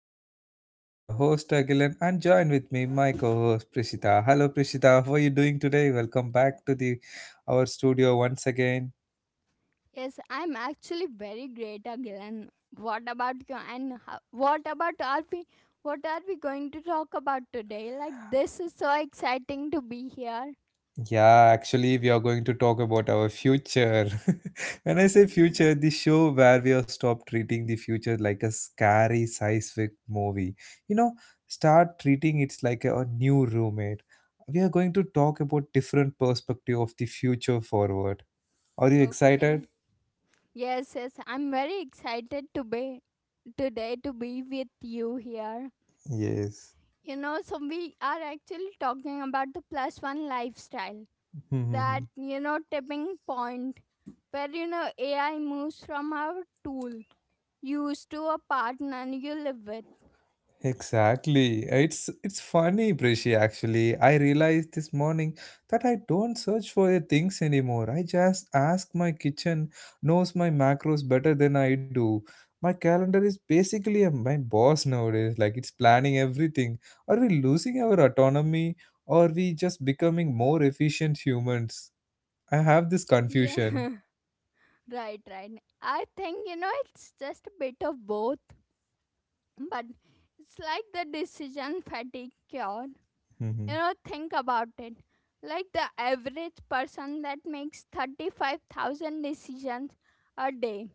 podcast. This is your host Agilan and join with me my co-host Prishita. Hello Prishita, how are you doing today? Welcome back to the our studio once again. Yes, I'm actually very great again. What about you? What about are we? What are we going to talk about today? Like this is so exciting to be here. Yeah, actually we are going to talk about our future. When I say Yeah. future, the show where we are stop treating the future like a scary sci-fi movie. You know, start treating it like a new roommate. We are going to talk about different perspective of the future forward. Are you Okay. excited? Yes, I'm very excited to be today to be with you here. Yes. You know, so we are actually talking about the plus one lifestyle. That, you know, tipping point where, you know, AI moves from our tool used to a partner you live with. Exactly. It's funny, Prishi, actually. I realized this morning that I don't search for the things anymore. I just ask my kitchen knows my macros better than I do. My calendar is basically a, my boss nowadays. Like it's planning everything. Are we losing our autonomy or are we just becoming more efficient humans? I have this confusion. Yeah, right. I think, you know, it's just a bit of both, but it's like the decision fatigue cure. Mhm. You know, think about it. Like the average person that makes 35,000 decisions a day.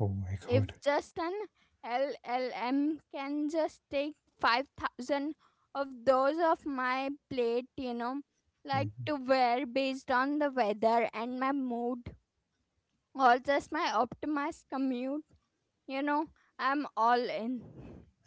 Oh my god. If just an LLM can just take 5,000 of those of my plate, you know, like to wear based on the weather and my mood or just my optimized commute, you know, I'm all in.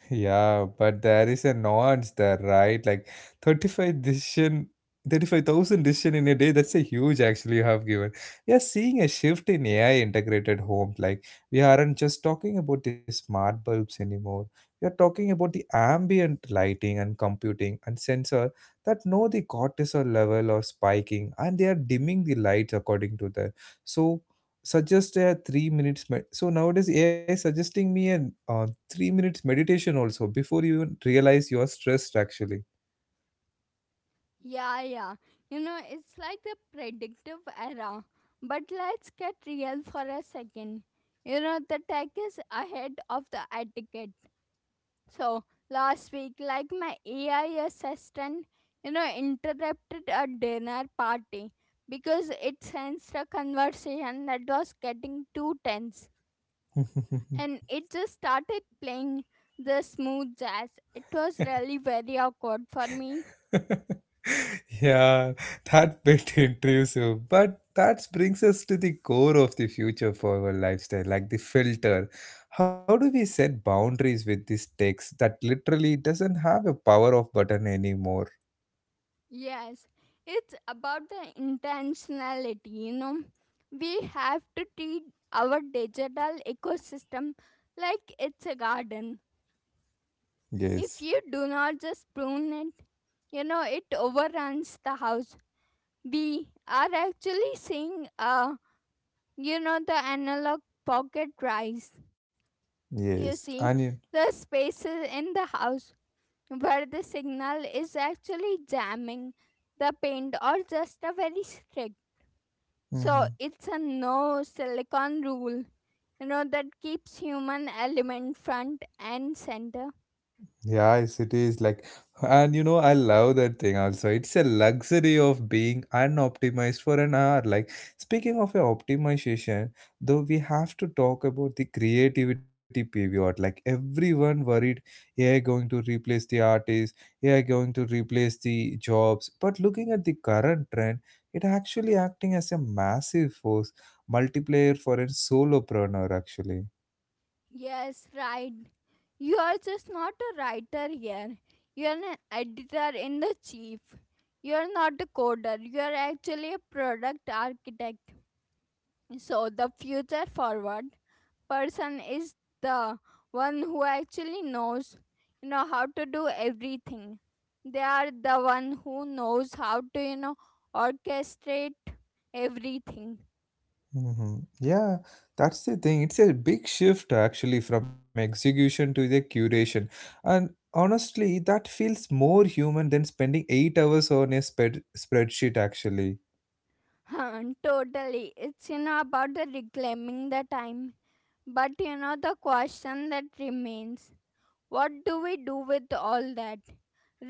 Yeah, but there is a nuance there, right? Like 35 decision, 35,000 decision in a day, that's a huge actually you have given. We are seeing a shift in AI integrated homes. Like we aren't just talking about the smart bulbs anymore. We are talking about the ambient lighting and computing and sensor that know the cortisol level or spiking and they are dimming the lights according to that. So suggest a three minutes med- so nowadays ai suggesting me a uh, 3 minutes meditation also before you even realize you are stressed actually. Yeah. You know, it's like the predictive era. But let's get real for a second. You know, the tech is ahead of the etiquette. So last week, like my AI assistant, you know, interrupted a dinner party because it sensed a conversation that was getting too tense. And it just started playing the smooth jazz. It was really very awkward for me. Yeah, that bit intrusive, but that brings us to the core of the future for our lifestyle, like the filter. How do we set boundaries with this text that literally doesn't have a power off button anymore? Yes, it's about the intentionality, you know. We have to treat our digital ecosystem like it's a garden. Yes, If you do not just prune it, you know, it overruns the house. We are actually seeing, you know, the analog pocket rise. yes, You onion. see, the spaces in the house where the signal is actually jamming the paint, or just a very strict, so Mm-hmm. it's a no silicon rule, you know, that keeps human element front and center. Yeah, yes, it is like, and you know, I love that thing also. It's a luxury of being unoptimized for an hour. Like, speaking of a optimization, though, we have to talk about the creativity pivot. Like, everyone worried AI going to replace the artists, AI going to replace the jobs. But looking at the current trend, it actually acting as a massive force multiplier for a solopreneur, actually. Yes, right. You are just not a writer here. You are an editor in the chief. You are not a coder. You are actually a product architect. So the future forward person is the one who actually knows, you know, how to do everything. They are the one who knows how to, you know, orchestrate everything. Hmm. Yeah, that's the thing. It's a big shift actually from execution to the curation. And honestly, that feels more human than spending 8 hours on a spreadsheet actually. Huh, totally. It's, you know, about the reclaiming the time. But you know the question that remains: what do we do with all that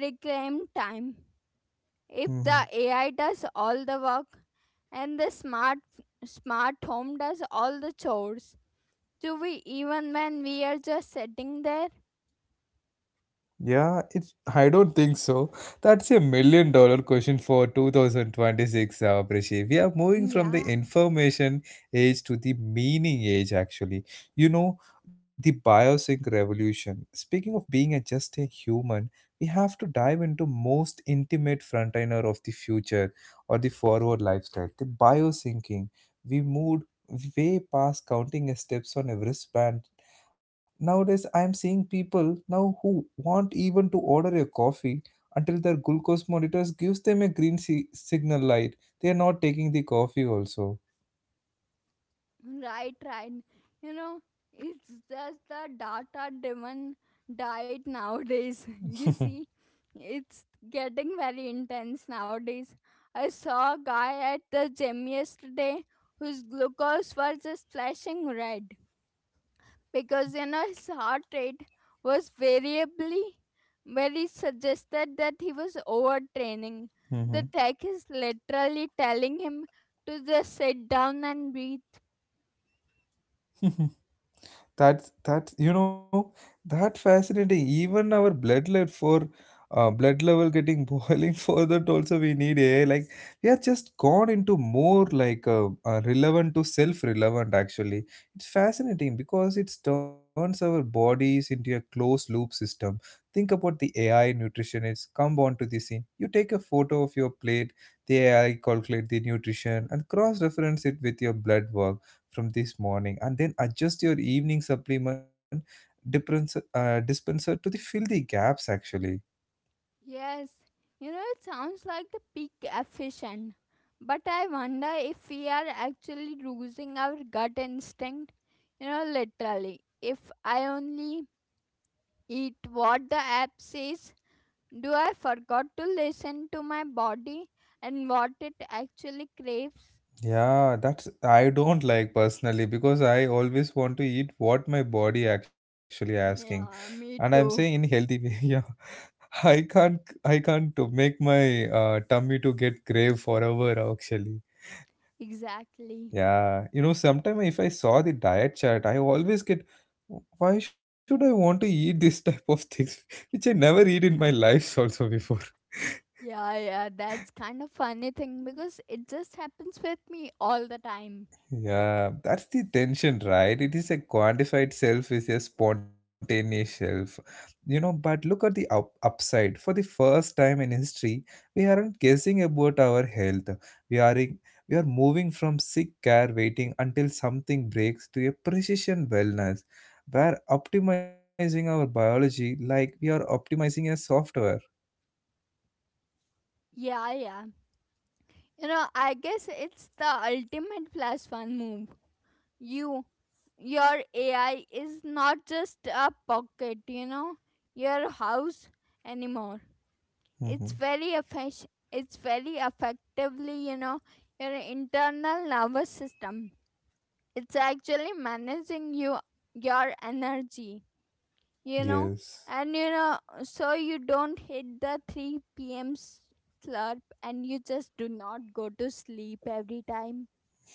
reclaimed time? If Mm-hmm. the AI does all the work and the smart home does all the chores, do we even when we are just sitting there? Yeah, it's. I don't think so. That's a million dollar question for 2026, Abhishek. We are moving from the Yeah. information age to the meaning age, actually. You know, the biosync revolution. Speaking of being a, just a human, we have to dive into most intimate frontliner of the future or the forward lifestyle, the biosyncing. We moved way past counting steps on a wristband. Nowadays, I'm seeing people now who want even to order a coffee until their glucose monitors gives them a signal light. They are not taking the coffee also. Right, right. You know, it's just the data driven diet nowadays. You see, it's getting very intense nowadays. I saw a guy at the gym yesterday whose glucose was just flashing red because, you know, his heart rate was variably very suggested that he was overtraining. The tech is literally telling him to just sit down and breathe. That's you know that fascinating. Even our blood level for blood level getting boiling for that also we need AI. Like we are just gone into more like relevant to self relevant actually. It's fascinating because it turns our bodies into a closed loop system. Think about the AI nutritionist come on to the scene. You take a photo of your plate, the AI calculate the nutrition and cross reference it with your blood work from this morning and then adjust your evening supplement dispenser. Dispenser to the fill the gaps actually. Yes, you know, it sounds like the peak efficient. But I wonder if we are actually losing our gut instinct. You know, literally, if I only eat what the app says, do I forgot to listen to my body and what it actually craves? Yeah, that's I don't like personally because I always want to eat what my body actually asking, Yeah, and I'm me saying in too. healthy way. Yeah, I can't to make my tummy to get grave forever actually. Exactly. Yeah, you know, sometimes if I saw the diet chart, I always get, why should I want to eat this type of things, which I never eat in my Yeah, life also before. yeah, that's kind of funny thing because it just happens with me all the time. Yeah, that's the tension, right? It is a quantified self is a spontaneous self. You know, but look at the up upside. For the first time in history, we aren't guessing about our health. We are in, we are moving from sick care waiting until something breaks to a precision wellness, where optimizing our biology like we are optimizing a software. Yeah. You know, I guess it's the ultimate plus one move. You, your AI is not just a pocket, you know, your house anymore. It's Mhm. very efficient. It's very effectively, you know, your internal nervous system. It's actually managing you, your energy, you know, Yes. and you know, so you don't hit the 3 p.m. slurp and you just do not go to sleep every time.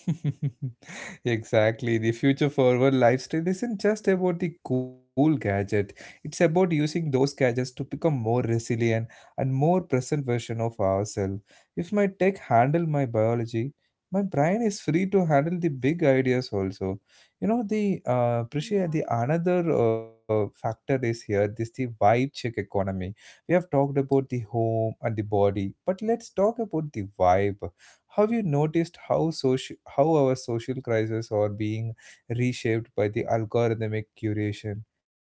Exactly. The future forward lifestyle isn't just about the cool gadget, it's about using those gadgets to become more resilient and more present version of ourselves. If my tech handle my biology, my brain is free to handle the big ideas also. You know the appreciate Yeah, the another factor is here this the vibe check economy. We have talked about the home and the body, but let's talk about the vibe. Have you noticed how how our social crises are being reshaped by the algorithmic curation?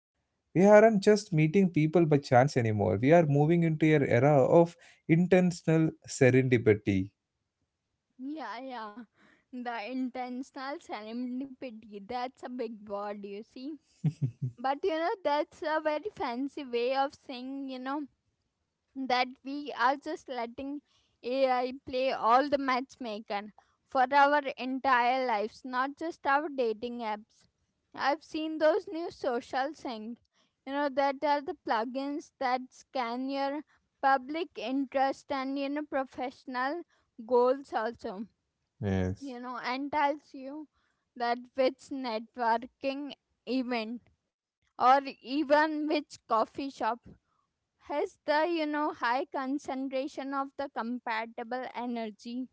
We aren't just meeting people by chance anymore. We are moving into an era of intentional serendipity. yeah. The intentional serendipity, that's a big word, you see. But you know, that's a very fancy way of saying, you know, that we are just letting AI play all the matchmaker for our entire lives, not just our dating apps. I've seen those new social thing, you know, that are the plugins that scan your public interest and, you know, professional goals also, Yes. you know, and tells you that which networking event or even which coffee shop has the, you know, high concentration of the compatible energy.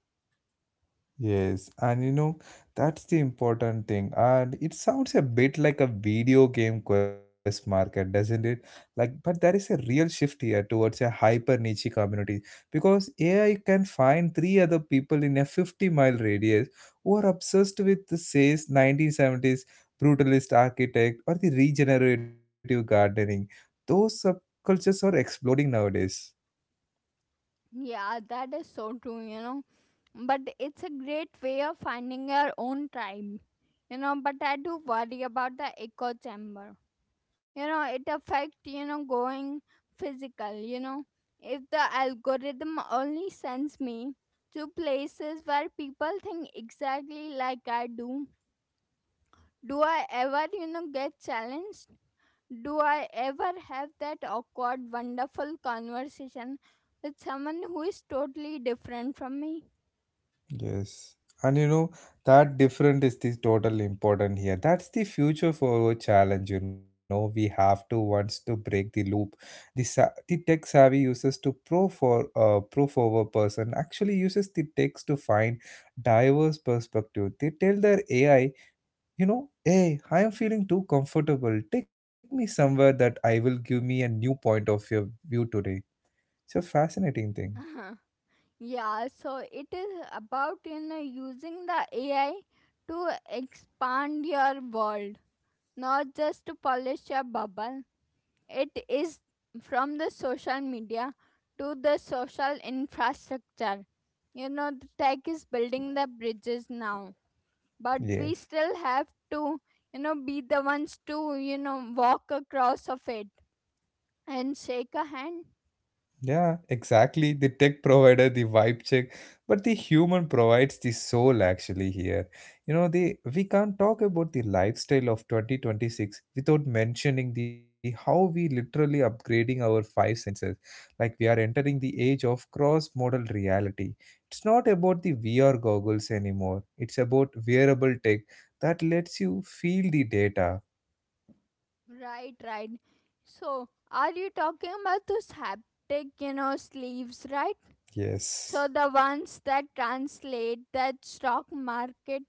Yes, and you know, that's the important thing. And it sounds a bit like a video game quest market, doesn't it? Like, but there is a real shift here towards a hyper niche community because AI can find three other people in a 50-mile radius who are obsessed with the says 1970s brutalist architect or the regenerative gardening. Those subcultures are exploding nowadays. Yeah, that is so true, you know, but it's a great way of finding your own tribe. You know, but I do worry about the echo chamber. You know, it affect, you know, going physical, you know. If the algorithm only sends me to places where people think exactly like I do, do I ever, you know, get challenged? Do I ever have that awkward wonderful conversation with someone who is totally different from me? Yes. And you know, that different is the total important here. That's the future for our challenge, you know. We have to once to break the loop. The tech savvy uses to pro forward person actually uses the text to find diverse perspective. They tell their AI, you know, hey, I am feeling too comfortable. Take me somewhere that I will give me a new point of your view today. It's a fascinating thing. Uh-huh. Yeah, so it is about, you know, using the AI to expand your world, not just to polish a bubble. It is from the social media to the social infrastructure. You know, the tech is building the bridges now, but we Yes. still have to, you know, be the ones to, you know, walk across of it and shake a hand. Yeah, exactly. The tech provider, the vibe check, but the human provides the soul actually here. You know, the we can't talk about the lifestyle of 2026 without mentioning the how we literally upgrading our five senses. Like we are entering the age of cross-modal reality. It's not about the VR goggles anymore. It's about wearable tech that lets you feel the data. Right, right. So, are you talking about those haptic, you know, sleeves, right? So Yes. the ones that translate that stock market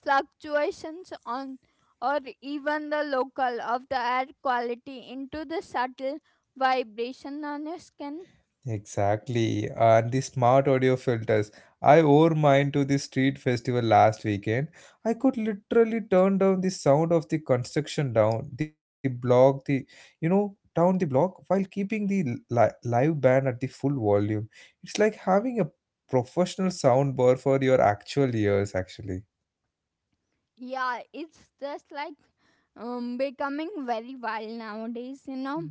fluctuations on or even the local of the air quality into the subtle vibration on your skin. Exactly. And the smart audio filters. I wore mine to the street festival last weekend. I could literally turn down the sound of the construction down the block, down the block while keeping the live band at the full volume. It's like having a professional sound bar for your actual ears, actually. Yeah, it's just like becoming very wild nowadays, you know.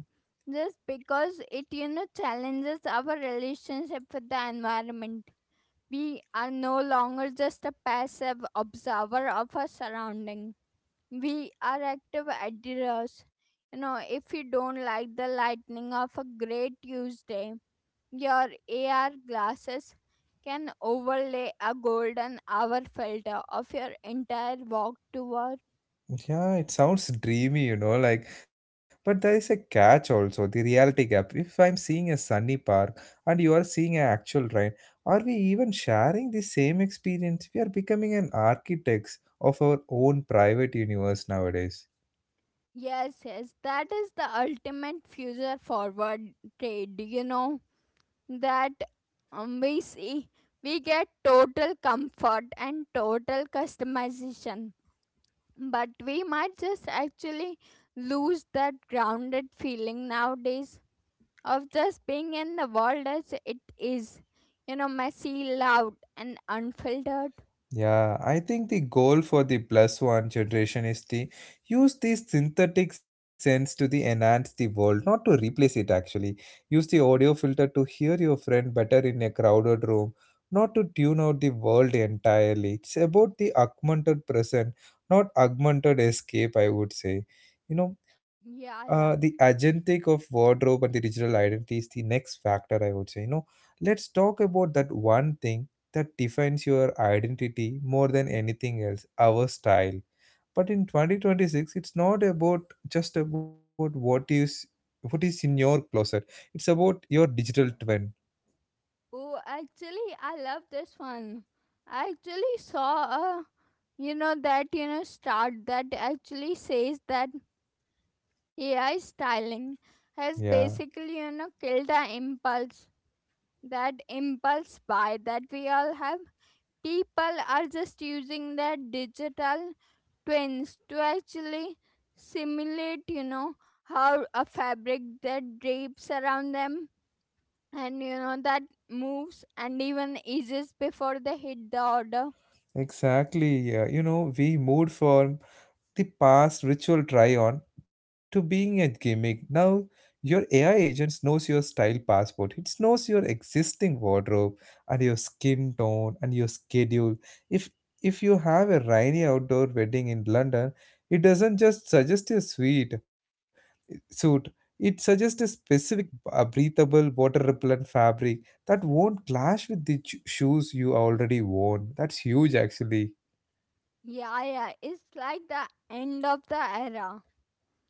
Just because it, you know, challenges our relationship with the environment. We are no longer just a passive observer of our surroundings. We are active adherers. You know, if you don't like the lightning of a great Tuesday, your AR glasses can overlay a golden hour filter of your entire walk to work. Yeah, it sounds dreamy, you know, like, but there is a catch also, the reality gap. If I am seeing a sunny park and you are seeing an actual rain, are we even sharing the same experience? We are becoming an architects of our own private universe nowadays. Yes, that is the ultimate future forward trade, you know, that we see. We get total comfort and total customization, but we might just actually lose that grounded feeling nowadays of just being in the world as it is, you know, messy, loud and unfiltered. Yeah, I think the goal for the plus one generation is to use the synthetic sense to the enhance the world, not to replace it actually. Use the audio filter to hear your friend better in a crowded room, not to tune out the world entirely. It's about the augmented present, not augmented escape, I would say. You know, yeah the yeah agentic of wardrobe and the digital identity is the next factor, I would say. You know, let's talk about that one thing that defines your identity more than anything else, our style. But in 2026, it's not about just about what is in your closet. It's about your digital twin. Oh, actually I love this one. I actually saw a, you know, that, you know, start that actually says that AI styling Yeah, has basically, you know, killed the impulse, that impulse buy that we all have. People are just using their digital twins to actually simulate, you know, how a fabric that drapes around them and, you know, that moves and even eases before they hit the order. exactly. Yeah. You know, we moved from the past ritual try on to being a gimmick. Now your AI agent knows your style passport. It knows your existing wardrobe and your skin tone and your schedule. If if you have a rainy outdoor wedding in London, it doesn't just suggest a suit. It suggests a specific breathable water repellent fabric that won't clash with the shoes you already worn. That's huge actually. Yeah, it's like the end of the era,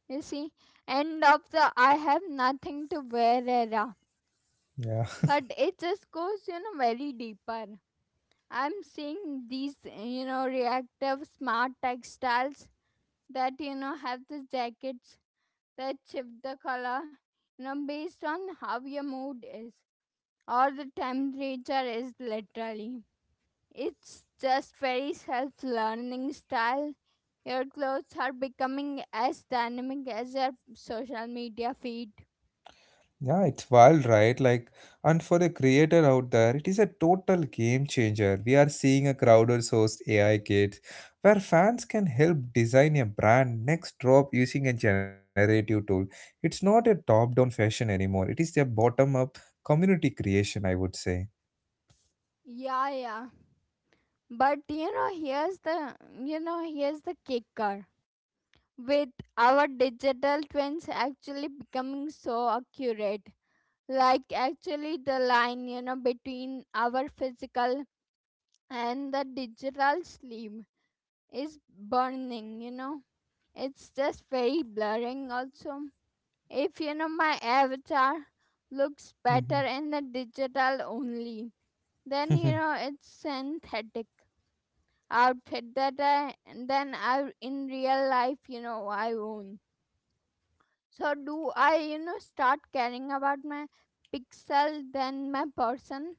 you see, end of the I have nothing to wear era. Yeah. But it just goes, you know, very deeper. I'm seeing these, you know, reactive smart textiles that, you know, have the jackets that shift the color, you know, based on how your mood is or the temperature is literally. It's just very self learning style. Your clothes are becoming as dynamic as your social media feed. Yeah, it's wild, right? Like, and for a creator out there, it is a total game changer. We are seeing a crowder sourced AI kit where fans can help design a brand next drop using a generative tool. It's not a top down fashion anymore, it is a bottom up community creation, I would say. Yeah, but you know here's the kicker. With our digital twins actually becoming so accurate, like, actually the line, you know, between our physical and the digital sleep is burning, you know. It's just very blurring also. If, you know, my avatar looks Mhm. better in the digital only, then, you know, it's synthetic outfit that I, then I in real life, you know, I own, so do I, you know, start caring about my pixel than my person?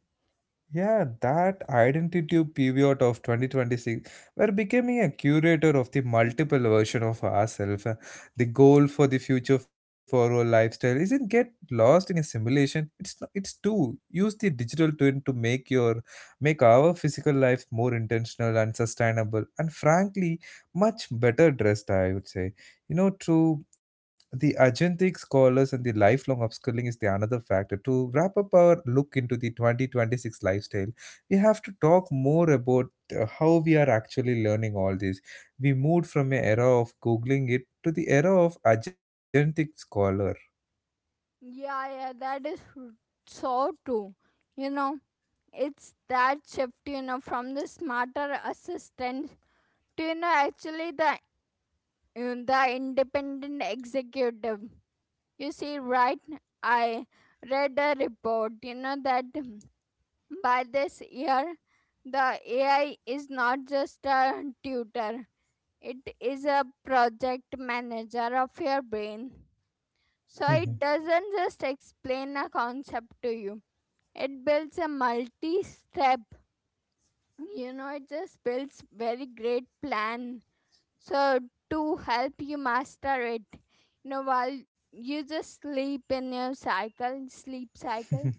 Yeah, that identity period of 2026, where becoming a curator of the multiple version of ourselves, the goal for the future for our lifestyle isn't get lost in a simulation. It's not, it's to use the digital twin to make our physical life more intentional and sustainable, and frankly, much better dressed. I would say, you know, through the agentic scholars and the lifelong upskilling is the another factor to wrap up our look into the 2026 lifestyle. We have to talk more about how we are actually learning all this. We moved from an era of googling it to the era of agentic scholar. Yeah, that is so true. You know, it's that shift, you know, from the smarter assistant to, you know, actually the, the independent executive. You see, right? I read a report, you know, that by this year, the AI is not just a tutor; it is a project manager of your brain. So it doesn't just explain a concept to you. It builds a multi step, you know, it just builds very great plan. So to help you master it, you know, while you just sleep in your cycle, sleep cycle.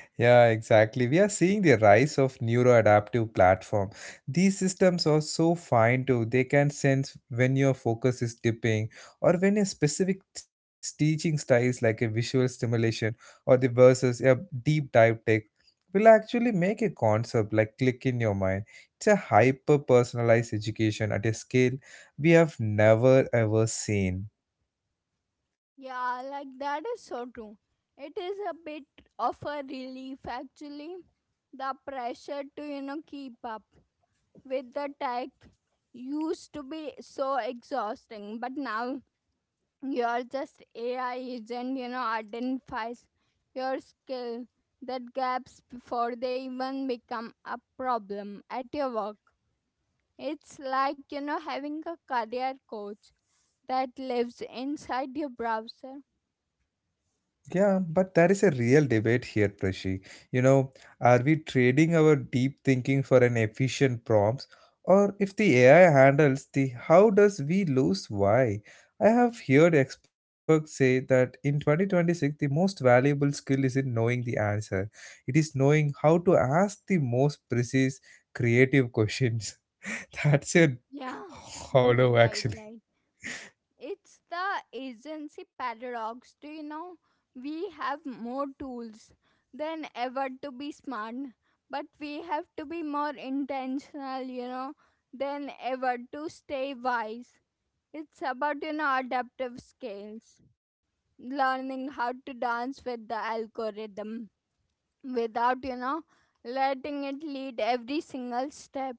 Yeah, exactly. We are seeing the rise of neuroadaptive platform. These systems are so fine too. They can sense when your focus is dipping or when a specific teaching styles like a visual stimulation or the versus a deep dive text will actually make a concept like click in your mind. It's a hyper personalized education at a scale we have never ever seen. Yeah, like that is so true. It is a bit of a relief actually. The pressure to, you know, keep up with the tech used to be so exhausting, but now you're just AI agent, you know, identifies your skill that gaps before they even become a problem at your work. It's like, you know, having a career coach that lives inside your browser. Yeah, but there is a real debate here, Prashi. You know, are we trading our deep thinking for an efficient prompts? Or if the AI handles the how does we lose why? I have heard experts say that in 2026, the most valuable skill isn't knowing the answer. It is knowing how to ask the most precise, creative questions. That's a Yeah, hollow, right, actually. right. It's the agency paradox. Do you know? We have more tools than ever to be smart, but we have to be more intentional, you know, than ever to stay wise. It's about, you know, adaptive skills, learning how to dance with the algorithm without, you know, letting it lead every single step.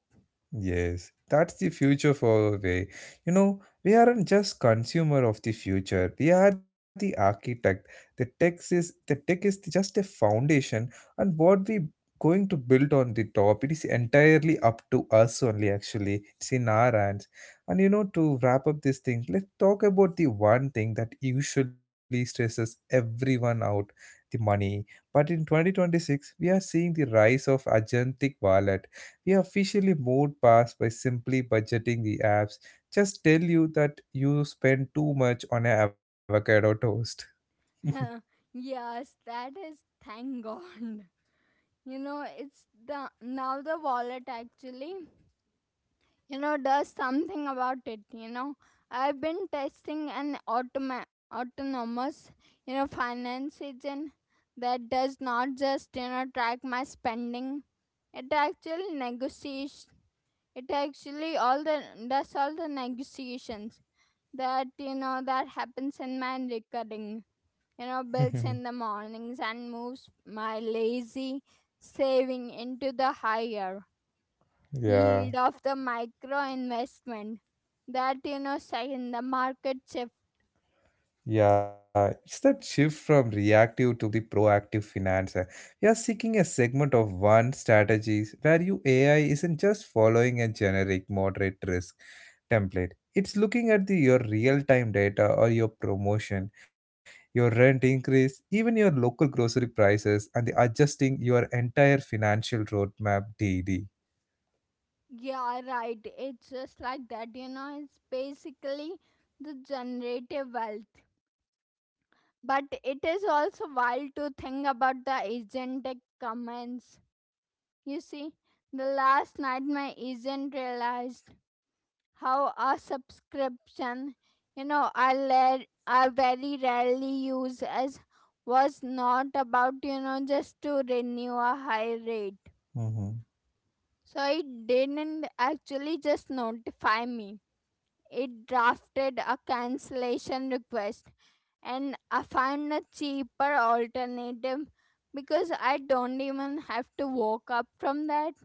Yes, that's the future far away. You know, we aren't just consumer of the future. We are the architect. The tech is just a foundation, and what we going to build on the top, it is entirely up to us only. Actually, it's in our hands. And you know, to wrap up this thing, let's talk about the one thing that usually stresses everyone out: the money. But in 2026, we are seeing the rise of agentic wallet. We officially moved past by simply budgeting the apps. Just tell you that you spend too much on an avocado toast. Yes, that is thank God. It's the now the wallet actually, does something about it. I've been testing an autonomous, finance agent that does not just track my spending. It actually negotiates, it actually all the does all the negotiations that that happens in my recording, builds in the mornings and moves my lazy saving into the higher yield of Yeah, the micro investment that say in the market shift. yeah. It's that shift from reactive to the proactive finance. Eh. We are seeking a segment of one strategies where you AI isn't just following a generic moderate risk template. It's looking at the, your real time data or your promotion, your rent increase, even your local grocery prices, and the adjusting your entire financial roadmap daily. Yeah, right, it's just like that, it's basically the generative wealth. But it is also wild to think about the agentic comments, you see. The last night my agent realized how a subscription, I very rarely use as, was not about just to renew a high rate. Mm-hmm. So it didn't actually just notify me. It drafted a cancellation request and I found a cheaper alternative because I don't even have to woke up from that.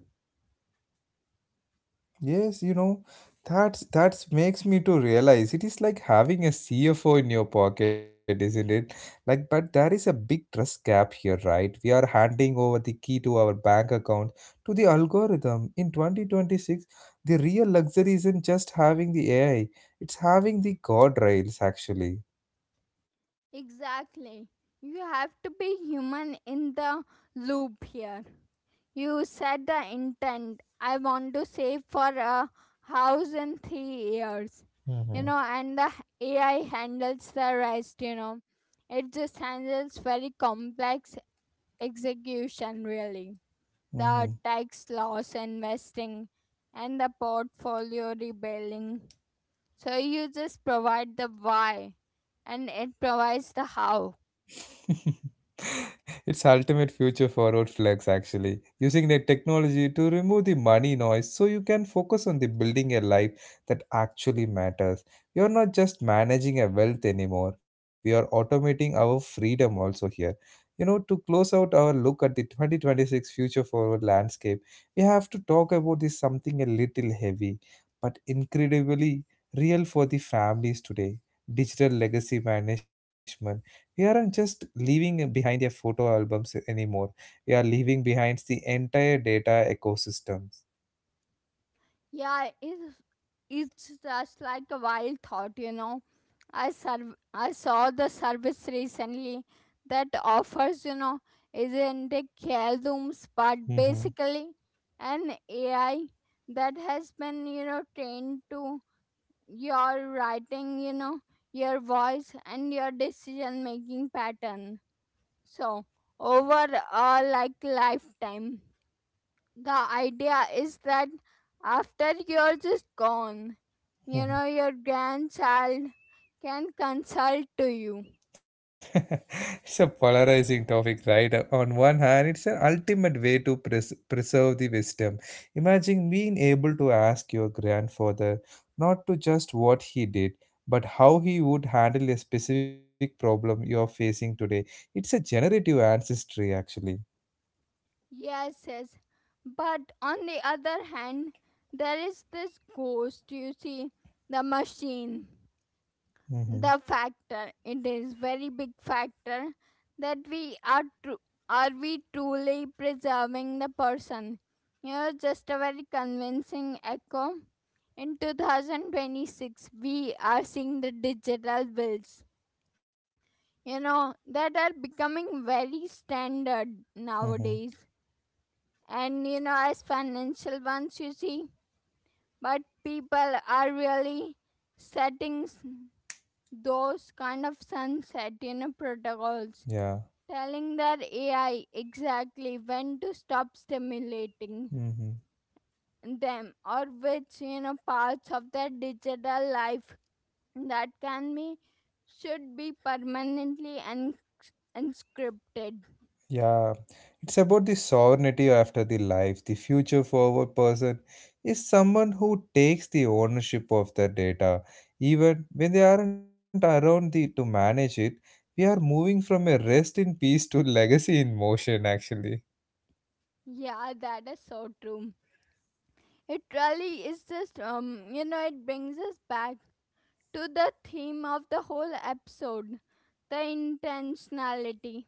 Yes, you know, that's makes me to realize it is like having a CFO in your pocket, isn't it? Like, but there is a big trust gap here, right? We are handing over the key to our bank account to the algorithm. In 2026, the real luxury isn't just having the AI, it's having the guardrails actually. Exactly. You have to be human in the loop here. You said the intent. I want to save for a house in 3 years. Mm-hmm. And the AI handles the rest. It just handles very complex execution, really. The tax loss investing and the portfolio rebuilding. So you just provide the why and it provides the how. It's ultimate future forward flex actually, using the technology to remove the money noise so you can focus on the building a life that actually matters. We are not just managing a wealth anymore, we are automating our freedom also here. You know, to close out our look at the 2026 future forward landscape, we have to talk about this something a little heavy, but incredibly real for the families today. Digital legacy management, we aren't just leaving behind a photo albums anymore, we are leaving behind the entire data ecosystems. Yeah, it's just like a wild thought, I saw the service recently that offers, isn't a care rooms, but Mhm, basically an AI that has been, trained to your writing, your voice and your decision making pattern. So over a like lifetime the idea is that after you're just gone, your mhm. grandchild can consult to you. It's a polarizing topic, right? On one hand, it's an ultimate way to preserve the wisdom. Imagine being able to ask your grandfather not to just what he did, but how he would handle a specific problem you're facing today. It's a generative ancestry actually. Yes, yes. But on the other hand, there is this ghost, you see, the machine. Mm-hmm, The factor, it is very big factor that we are true are we truly preserving the person, just a very convincing echo? In 2026 we are seeing the digital bills, that are becoming very standard mm-hmm, nowadays, and as financial ones, you see. But people are really setting s- those kind of sunset, yeah. protocols, telling their AI exactly when to stop stimulating Mm-hmm. them, or which, parts of their digital life that can be should be permanently and unscripted. Yeah, it's about the sovereignty after the life. The future forward person is someone who takes the ownership of the data. Even when they aren't around the, to manage it, we are moving from a rest in peace to legacy in motion, actually. Yeah, that is so true. It really is just it brings us back to the theme of the whole episode, the intentionality.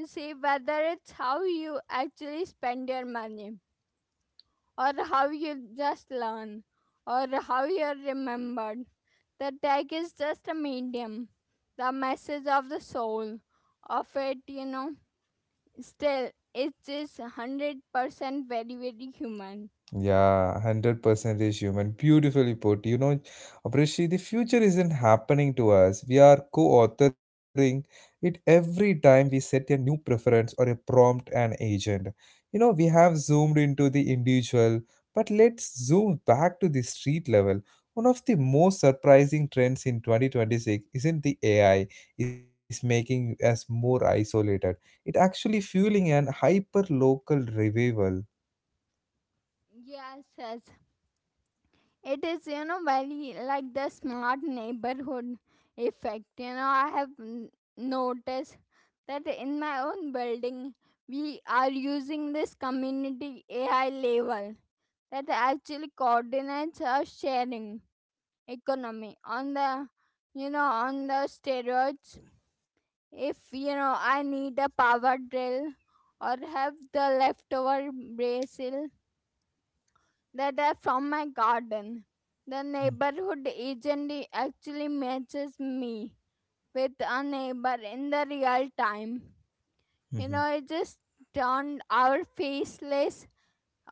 You see, whether it's how you actually spend your money, or how you just learn, or how you're remembered, the tag is just a medium. The message of the soul of it, still, it is 100% very, very human. Yeah, 100% is human. Beautifully put. You know, Abrishi, the future isn't happening to us. We are co authoring it every time we set a new preference or a prompt and agent. You know, we have zoomed into the individual, but let's zoom back to the street level. One of the most surprising trends in 2026 isn't the AI is making us more isolated. It actually fueling an hyper local revival. Yes, yes. It is, very like the smart neighborhood effect. You know, noticed that in my own building, we are using this community AI label that actually coordinates our sharing economy on the, on the steroids. If, I need a power drill or have the leftover basil that are from my garden, the neighborhood agent actually matches me with a neighbor in the real time. You Mhm. know, it just turned our faceless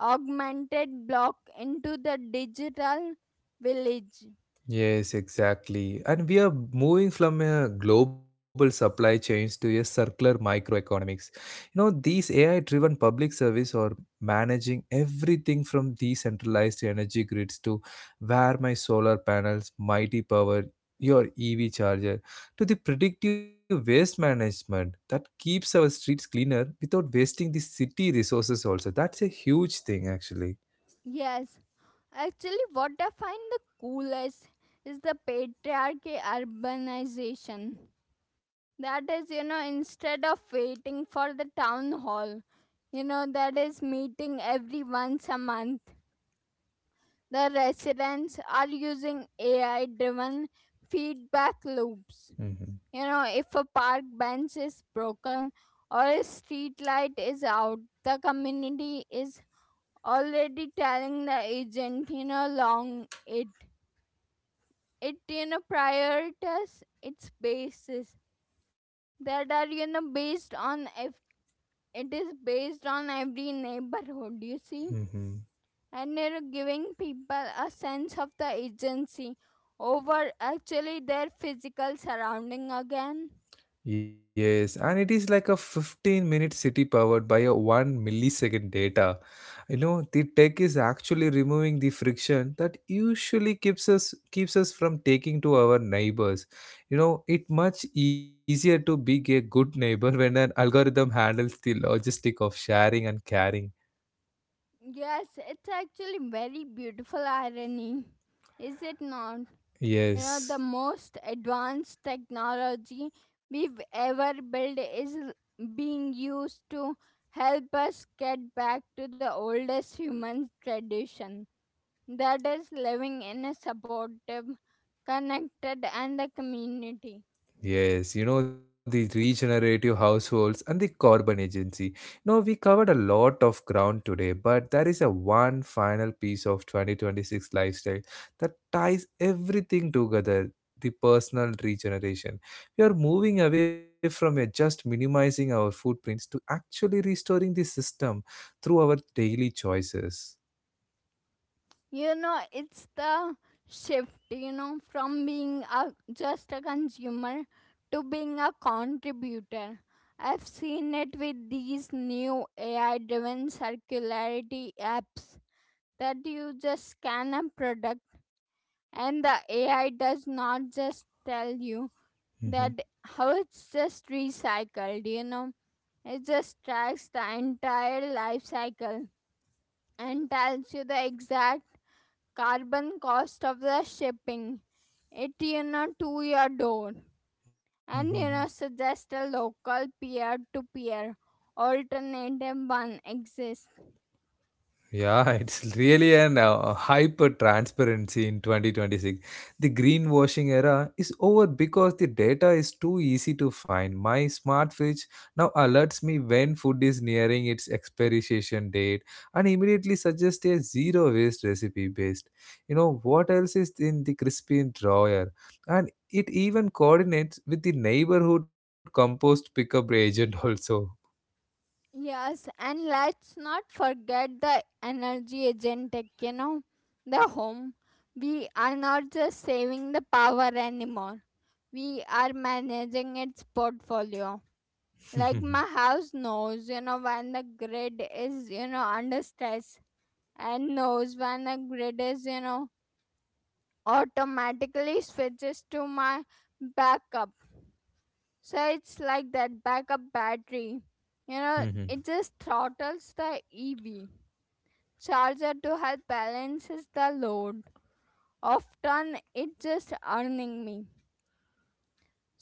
augmented block into the digital village. Yes, exactly. And we are moving from a global supply chains to a circular microeconomics. You know, these AI driven public service are managing everything from decentralized energy grids to where my solar panels, mighty power, your EV charger, to the predictive waste management that keeps our streets cleaner without wasting the city resources also. That's a huge thing actually. Yes, actually, what I find the coolest is the patriarchy urbanization. That is, instead of waiting for the town hall, that is meeting every once a month. The residents are using AI driven feedback loops. You Mm-hmm. know, if a park bench is broken or a street light is out, the community is already telling the agent, long it. It, prioritizes its basis that are, based on if it is based on every neighborhood, you see, Mm-hmm. and they're giving people a sense of the agency over actually their physical surrounding again. Yes, and it is like a 15-minute city powered by a 1 millisecond data. You know, the tech is actually removing the friction that usually keeps us from taking to our neighbors. You know, it much easier to be a good neighbor when an algorithm handles the logistic of sharing and caring. Yes, it's actually very beautiful irony, is it not? You know, the Yes. most advanced technology we've ever built is being used to help us get back to the oldest human tradition, that is living in a supportive, connected, and a community. Yes, you know, the regenerative households and the carbon agency. Now, we covered a lot of ground today, but there is a one final piece of 2026 lifestyle that ties everything together, the personal regeneration. We are moving away from a just minimizing our footprints to actually restoring the system through our daily choices. It's the shift, from being a just a consumer to being a contributor. I've seen it with these new AI driven circularity apps, that you just scan a product and the AI does not just tell you that Mhm, how it's just recycled, it just tracks the entire life cycle and tells you the exact carbon cost of the shipping. It, to your door, and mhm, mhm. Suggest a local peer to peer alternative one exists. Yeah, it's really an hyper transparency in 2026. The greenwashing era is over because the data is too easy to find. My smart fridge now alerts me when food is nearing its expiration date and immediately suggests a zero waste recipe based. You know what else is in the crispy drawer? And it even coordinates with the neighborhood compost pickup agent also. Yes, and let's not forget the energy agentic, the home. We are not just saving the power anymore. We are managing its portfolio. Like my house knows, when the grid is, under stress, and knows when a grid is automatically switches to my backup. So it's like that backup battery, Hmm. it just throttles the EV charger to help balances the load, often it just earning me.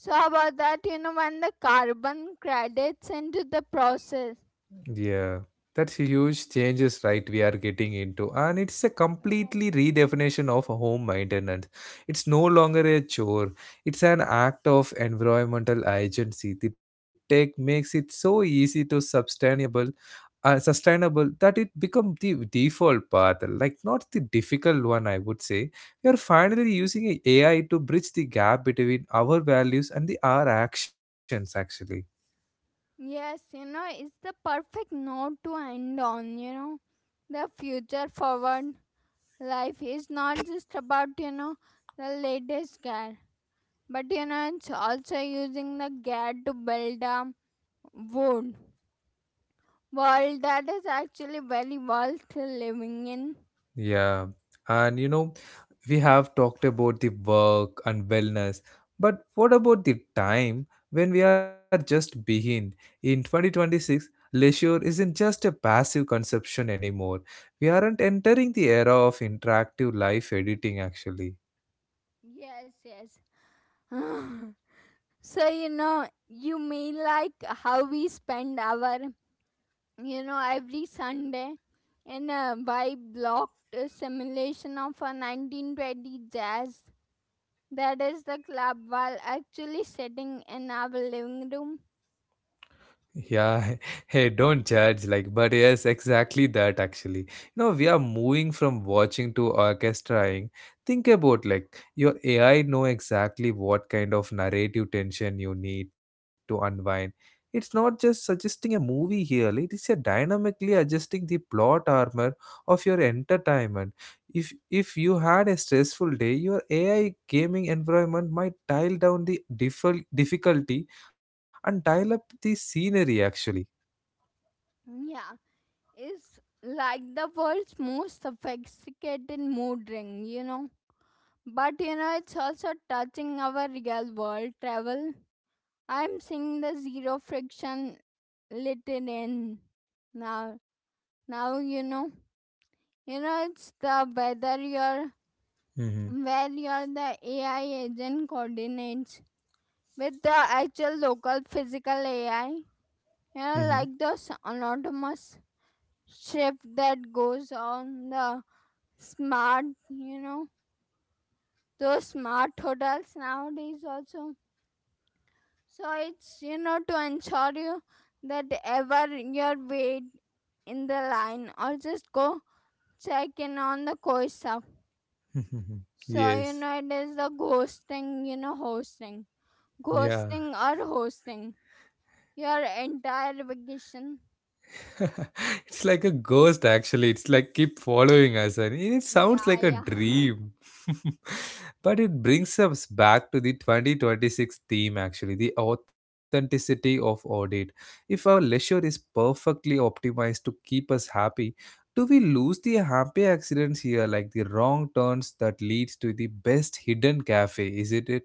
So how about that, when the carbon credits into the process. Yeah, that's a huge changes, right? We are getting into, and it's a Alright. completely redefinition of home maintenance. It's no longer a chore; it's an act of environmental agency. The tech makes it so easy to sustainable, sustainable that it become the default path, like not the difficult one. I would say we are finally using AI to bridge the gap between our values and the our actions, actually. Yes, it's the perfect note to end on. The future forward life is not just about, the latest gear, but it's also using the gear to build a world world that is actually very worth living in. Yeah, and you know we have talked about the work and wellness, but what about the time when we are just behind? In 2026, leisure isn't just a passive consumption anymore. We aren't entering the era of interactive life editing actually. Yes, yes. So, you mean like how we spend our, every sunday in a vibe blocked simulation of a 1920 jazz. That is the club while actually sitting in our living room. Yeah, hey, don't judge, like, but yes, exactly that actually. You know, we are moving from watching to orchestrating. Think about like your AI know exactly what kind of narrative tension you need to unwind. It's not just suggesting a movie here, it is a dynamically adjusting the plot armor of your entertainment. If you had a stressful day, your AI gaming environment might dial down the difficulty and dial up the scenery actually. Yeah, is like the world's most sophisticated mood ring, you know. But you know, it's also touching our real world travel. I'm seeing the zero friction littered in now. Now it's the whether you're Mm-hmm. where you're the AI agent coordinates with the actual local physical AI. Yeah, like those anonymous shift that goes on the smart, those smart hotels nowadays also. So it's, to ensure you that ever you're wait in the line or just go check in on the course stuff. Mm-hmm. So Yes. It is the ghosting, hosting, Yeah. ghosting or hosting your entire vacation. It's like a ghost actually. It's like keep following us and it sounds Yeah, like a yeah. dream. But it brings us back to the 2026 theme actually, the authenticity of audit. If our leisure is perfectly optimized to keep us happy, do we lose the happy accidents here like the wrong turns that leads to the best hidden cafe? Is it?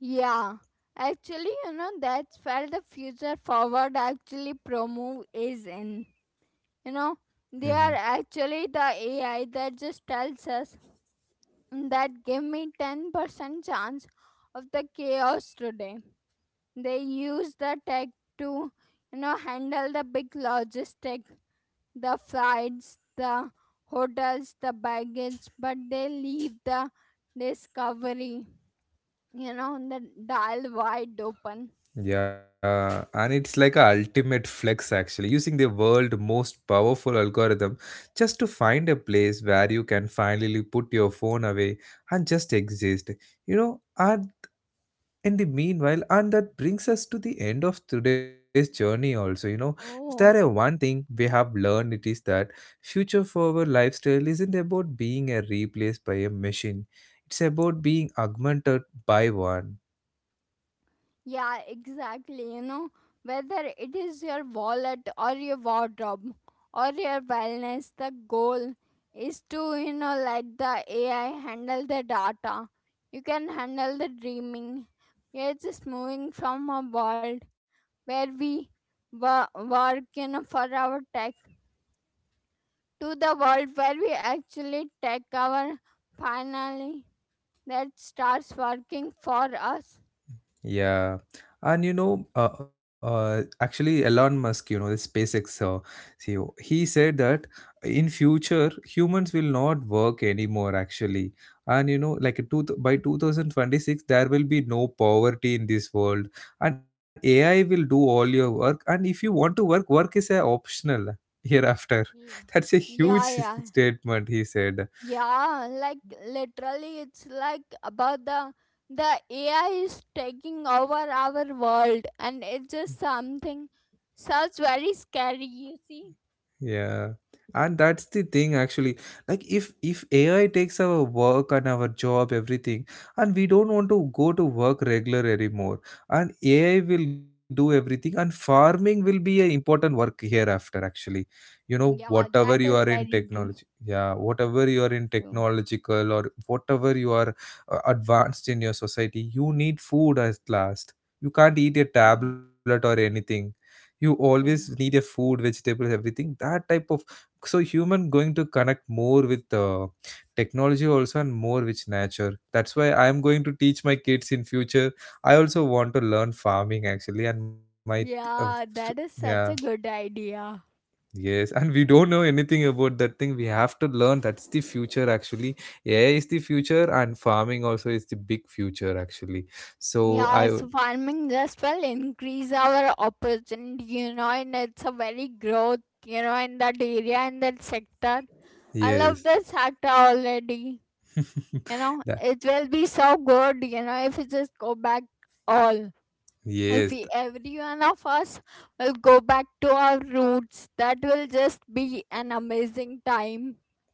Yeah, actually, that's where the future forward actually promove is in. You know, they are Hmm. actually the AI that just tells us that give me 10% chance of the chaos today. They use the tech to, handle the big logistic, the flights, the hotels, the baggage, but they leave the discovery, the dial wide open. Yeah, and it's like a ultimate flex actually, using the world most powerful algorithm just to find a place where you can finally put your phone away and just exist. You know, and in the meanwhile, and that brings us to the end of today's journey also, you know. If there are Oh, one thing we have learned, it is that future forward lifestyle isn't about being a replaced by a machine. It's about being augmented by one. yeah, exactly. You know, whether it is your wallet or your wardrobe or your wellness, the goal is to, let the AI handle the data. You can handle the dreaming. You're just moving from a world where work, for our tech, to the world where we actually take our finally that starts working for us. Yeah, and you know, actually, Elon Musk, you know, the SpaceX CEO, he said that in future humans will not work anymore. Actually, and you know, like a two by 2026, there will be no poverty in this world, and AI will do all your work. And if you want to work, work is a optional hereafter. Yeah. That's a huge Yeah, yeah. statement. He said. Yeah, like literally, it's like about the AI is taking over our world, and it's just something sounds very scary. You see? Yeah. And that's the thing actually. Like if AI takes our work and our job, everything, and we don't Yeah, want to go to work regular anymore. And AI will do everything and farming will be an important work hereafter actually. You know, yeah, whatever that you is are in very true. technology, yeah, whatever you are in True. technological or whatever you are advanced in your society, you need food at last. You can't eat a Mm. tablet or anything. You always need a Yeah, food vegetables everything that type of so human going to connect more with technology also and more with nature. That's why I'm going to teach my kids in future. I also want to learn farming actually, and my uh, yeah, that is yeah. such a good idea. Yes, and we don't know anything about that thing. We have to learn, that's the future actually. AI is the future and farming also is the big future actually. So I. Yeah, so farming just will increase our opportunity, and it's a very growth, in that area in that sector. I love Yes. that sector already. That. It will be so good, if we just go back all if Yes. we every one of us will go back to our roots, that will just be an amazing time.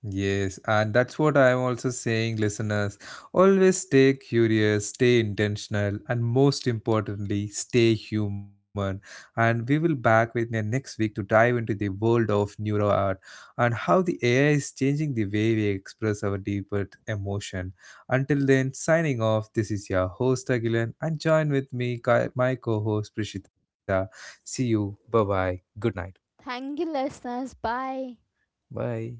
Yes, and that's what I'm also saying, listeners. Always stay curious, stay intentional, and most importantly, stay human. And we will back with you next week to dive into the world of neuro art and how the AI is changing the way we express our deeper emotion. Until then, signing off, this is your host Agilan, and join with me, my co host Prishita. See you. Bye bye. Good night. Thank you listeners, bye. Bye.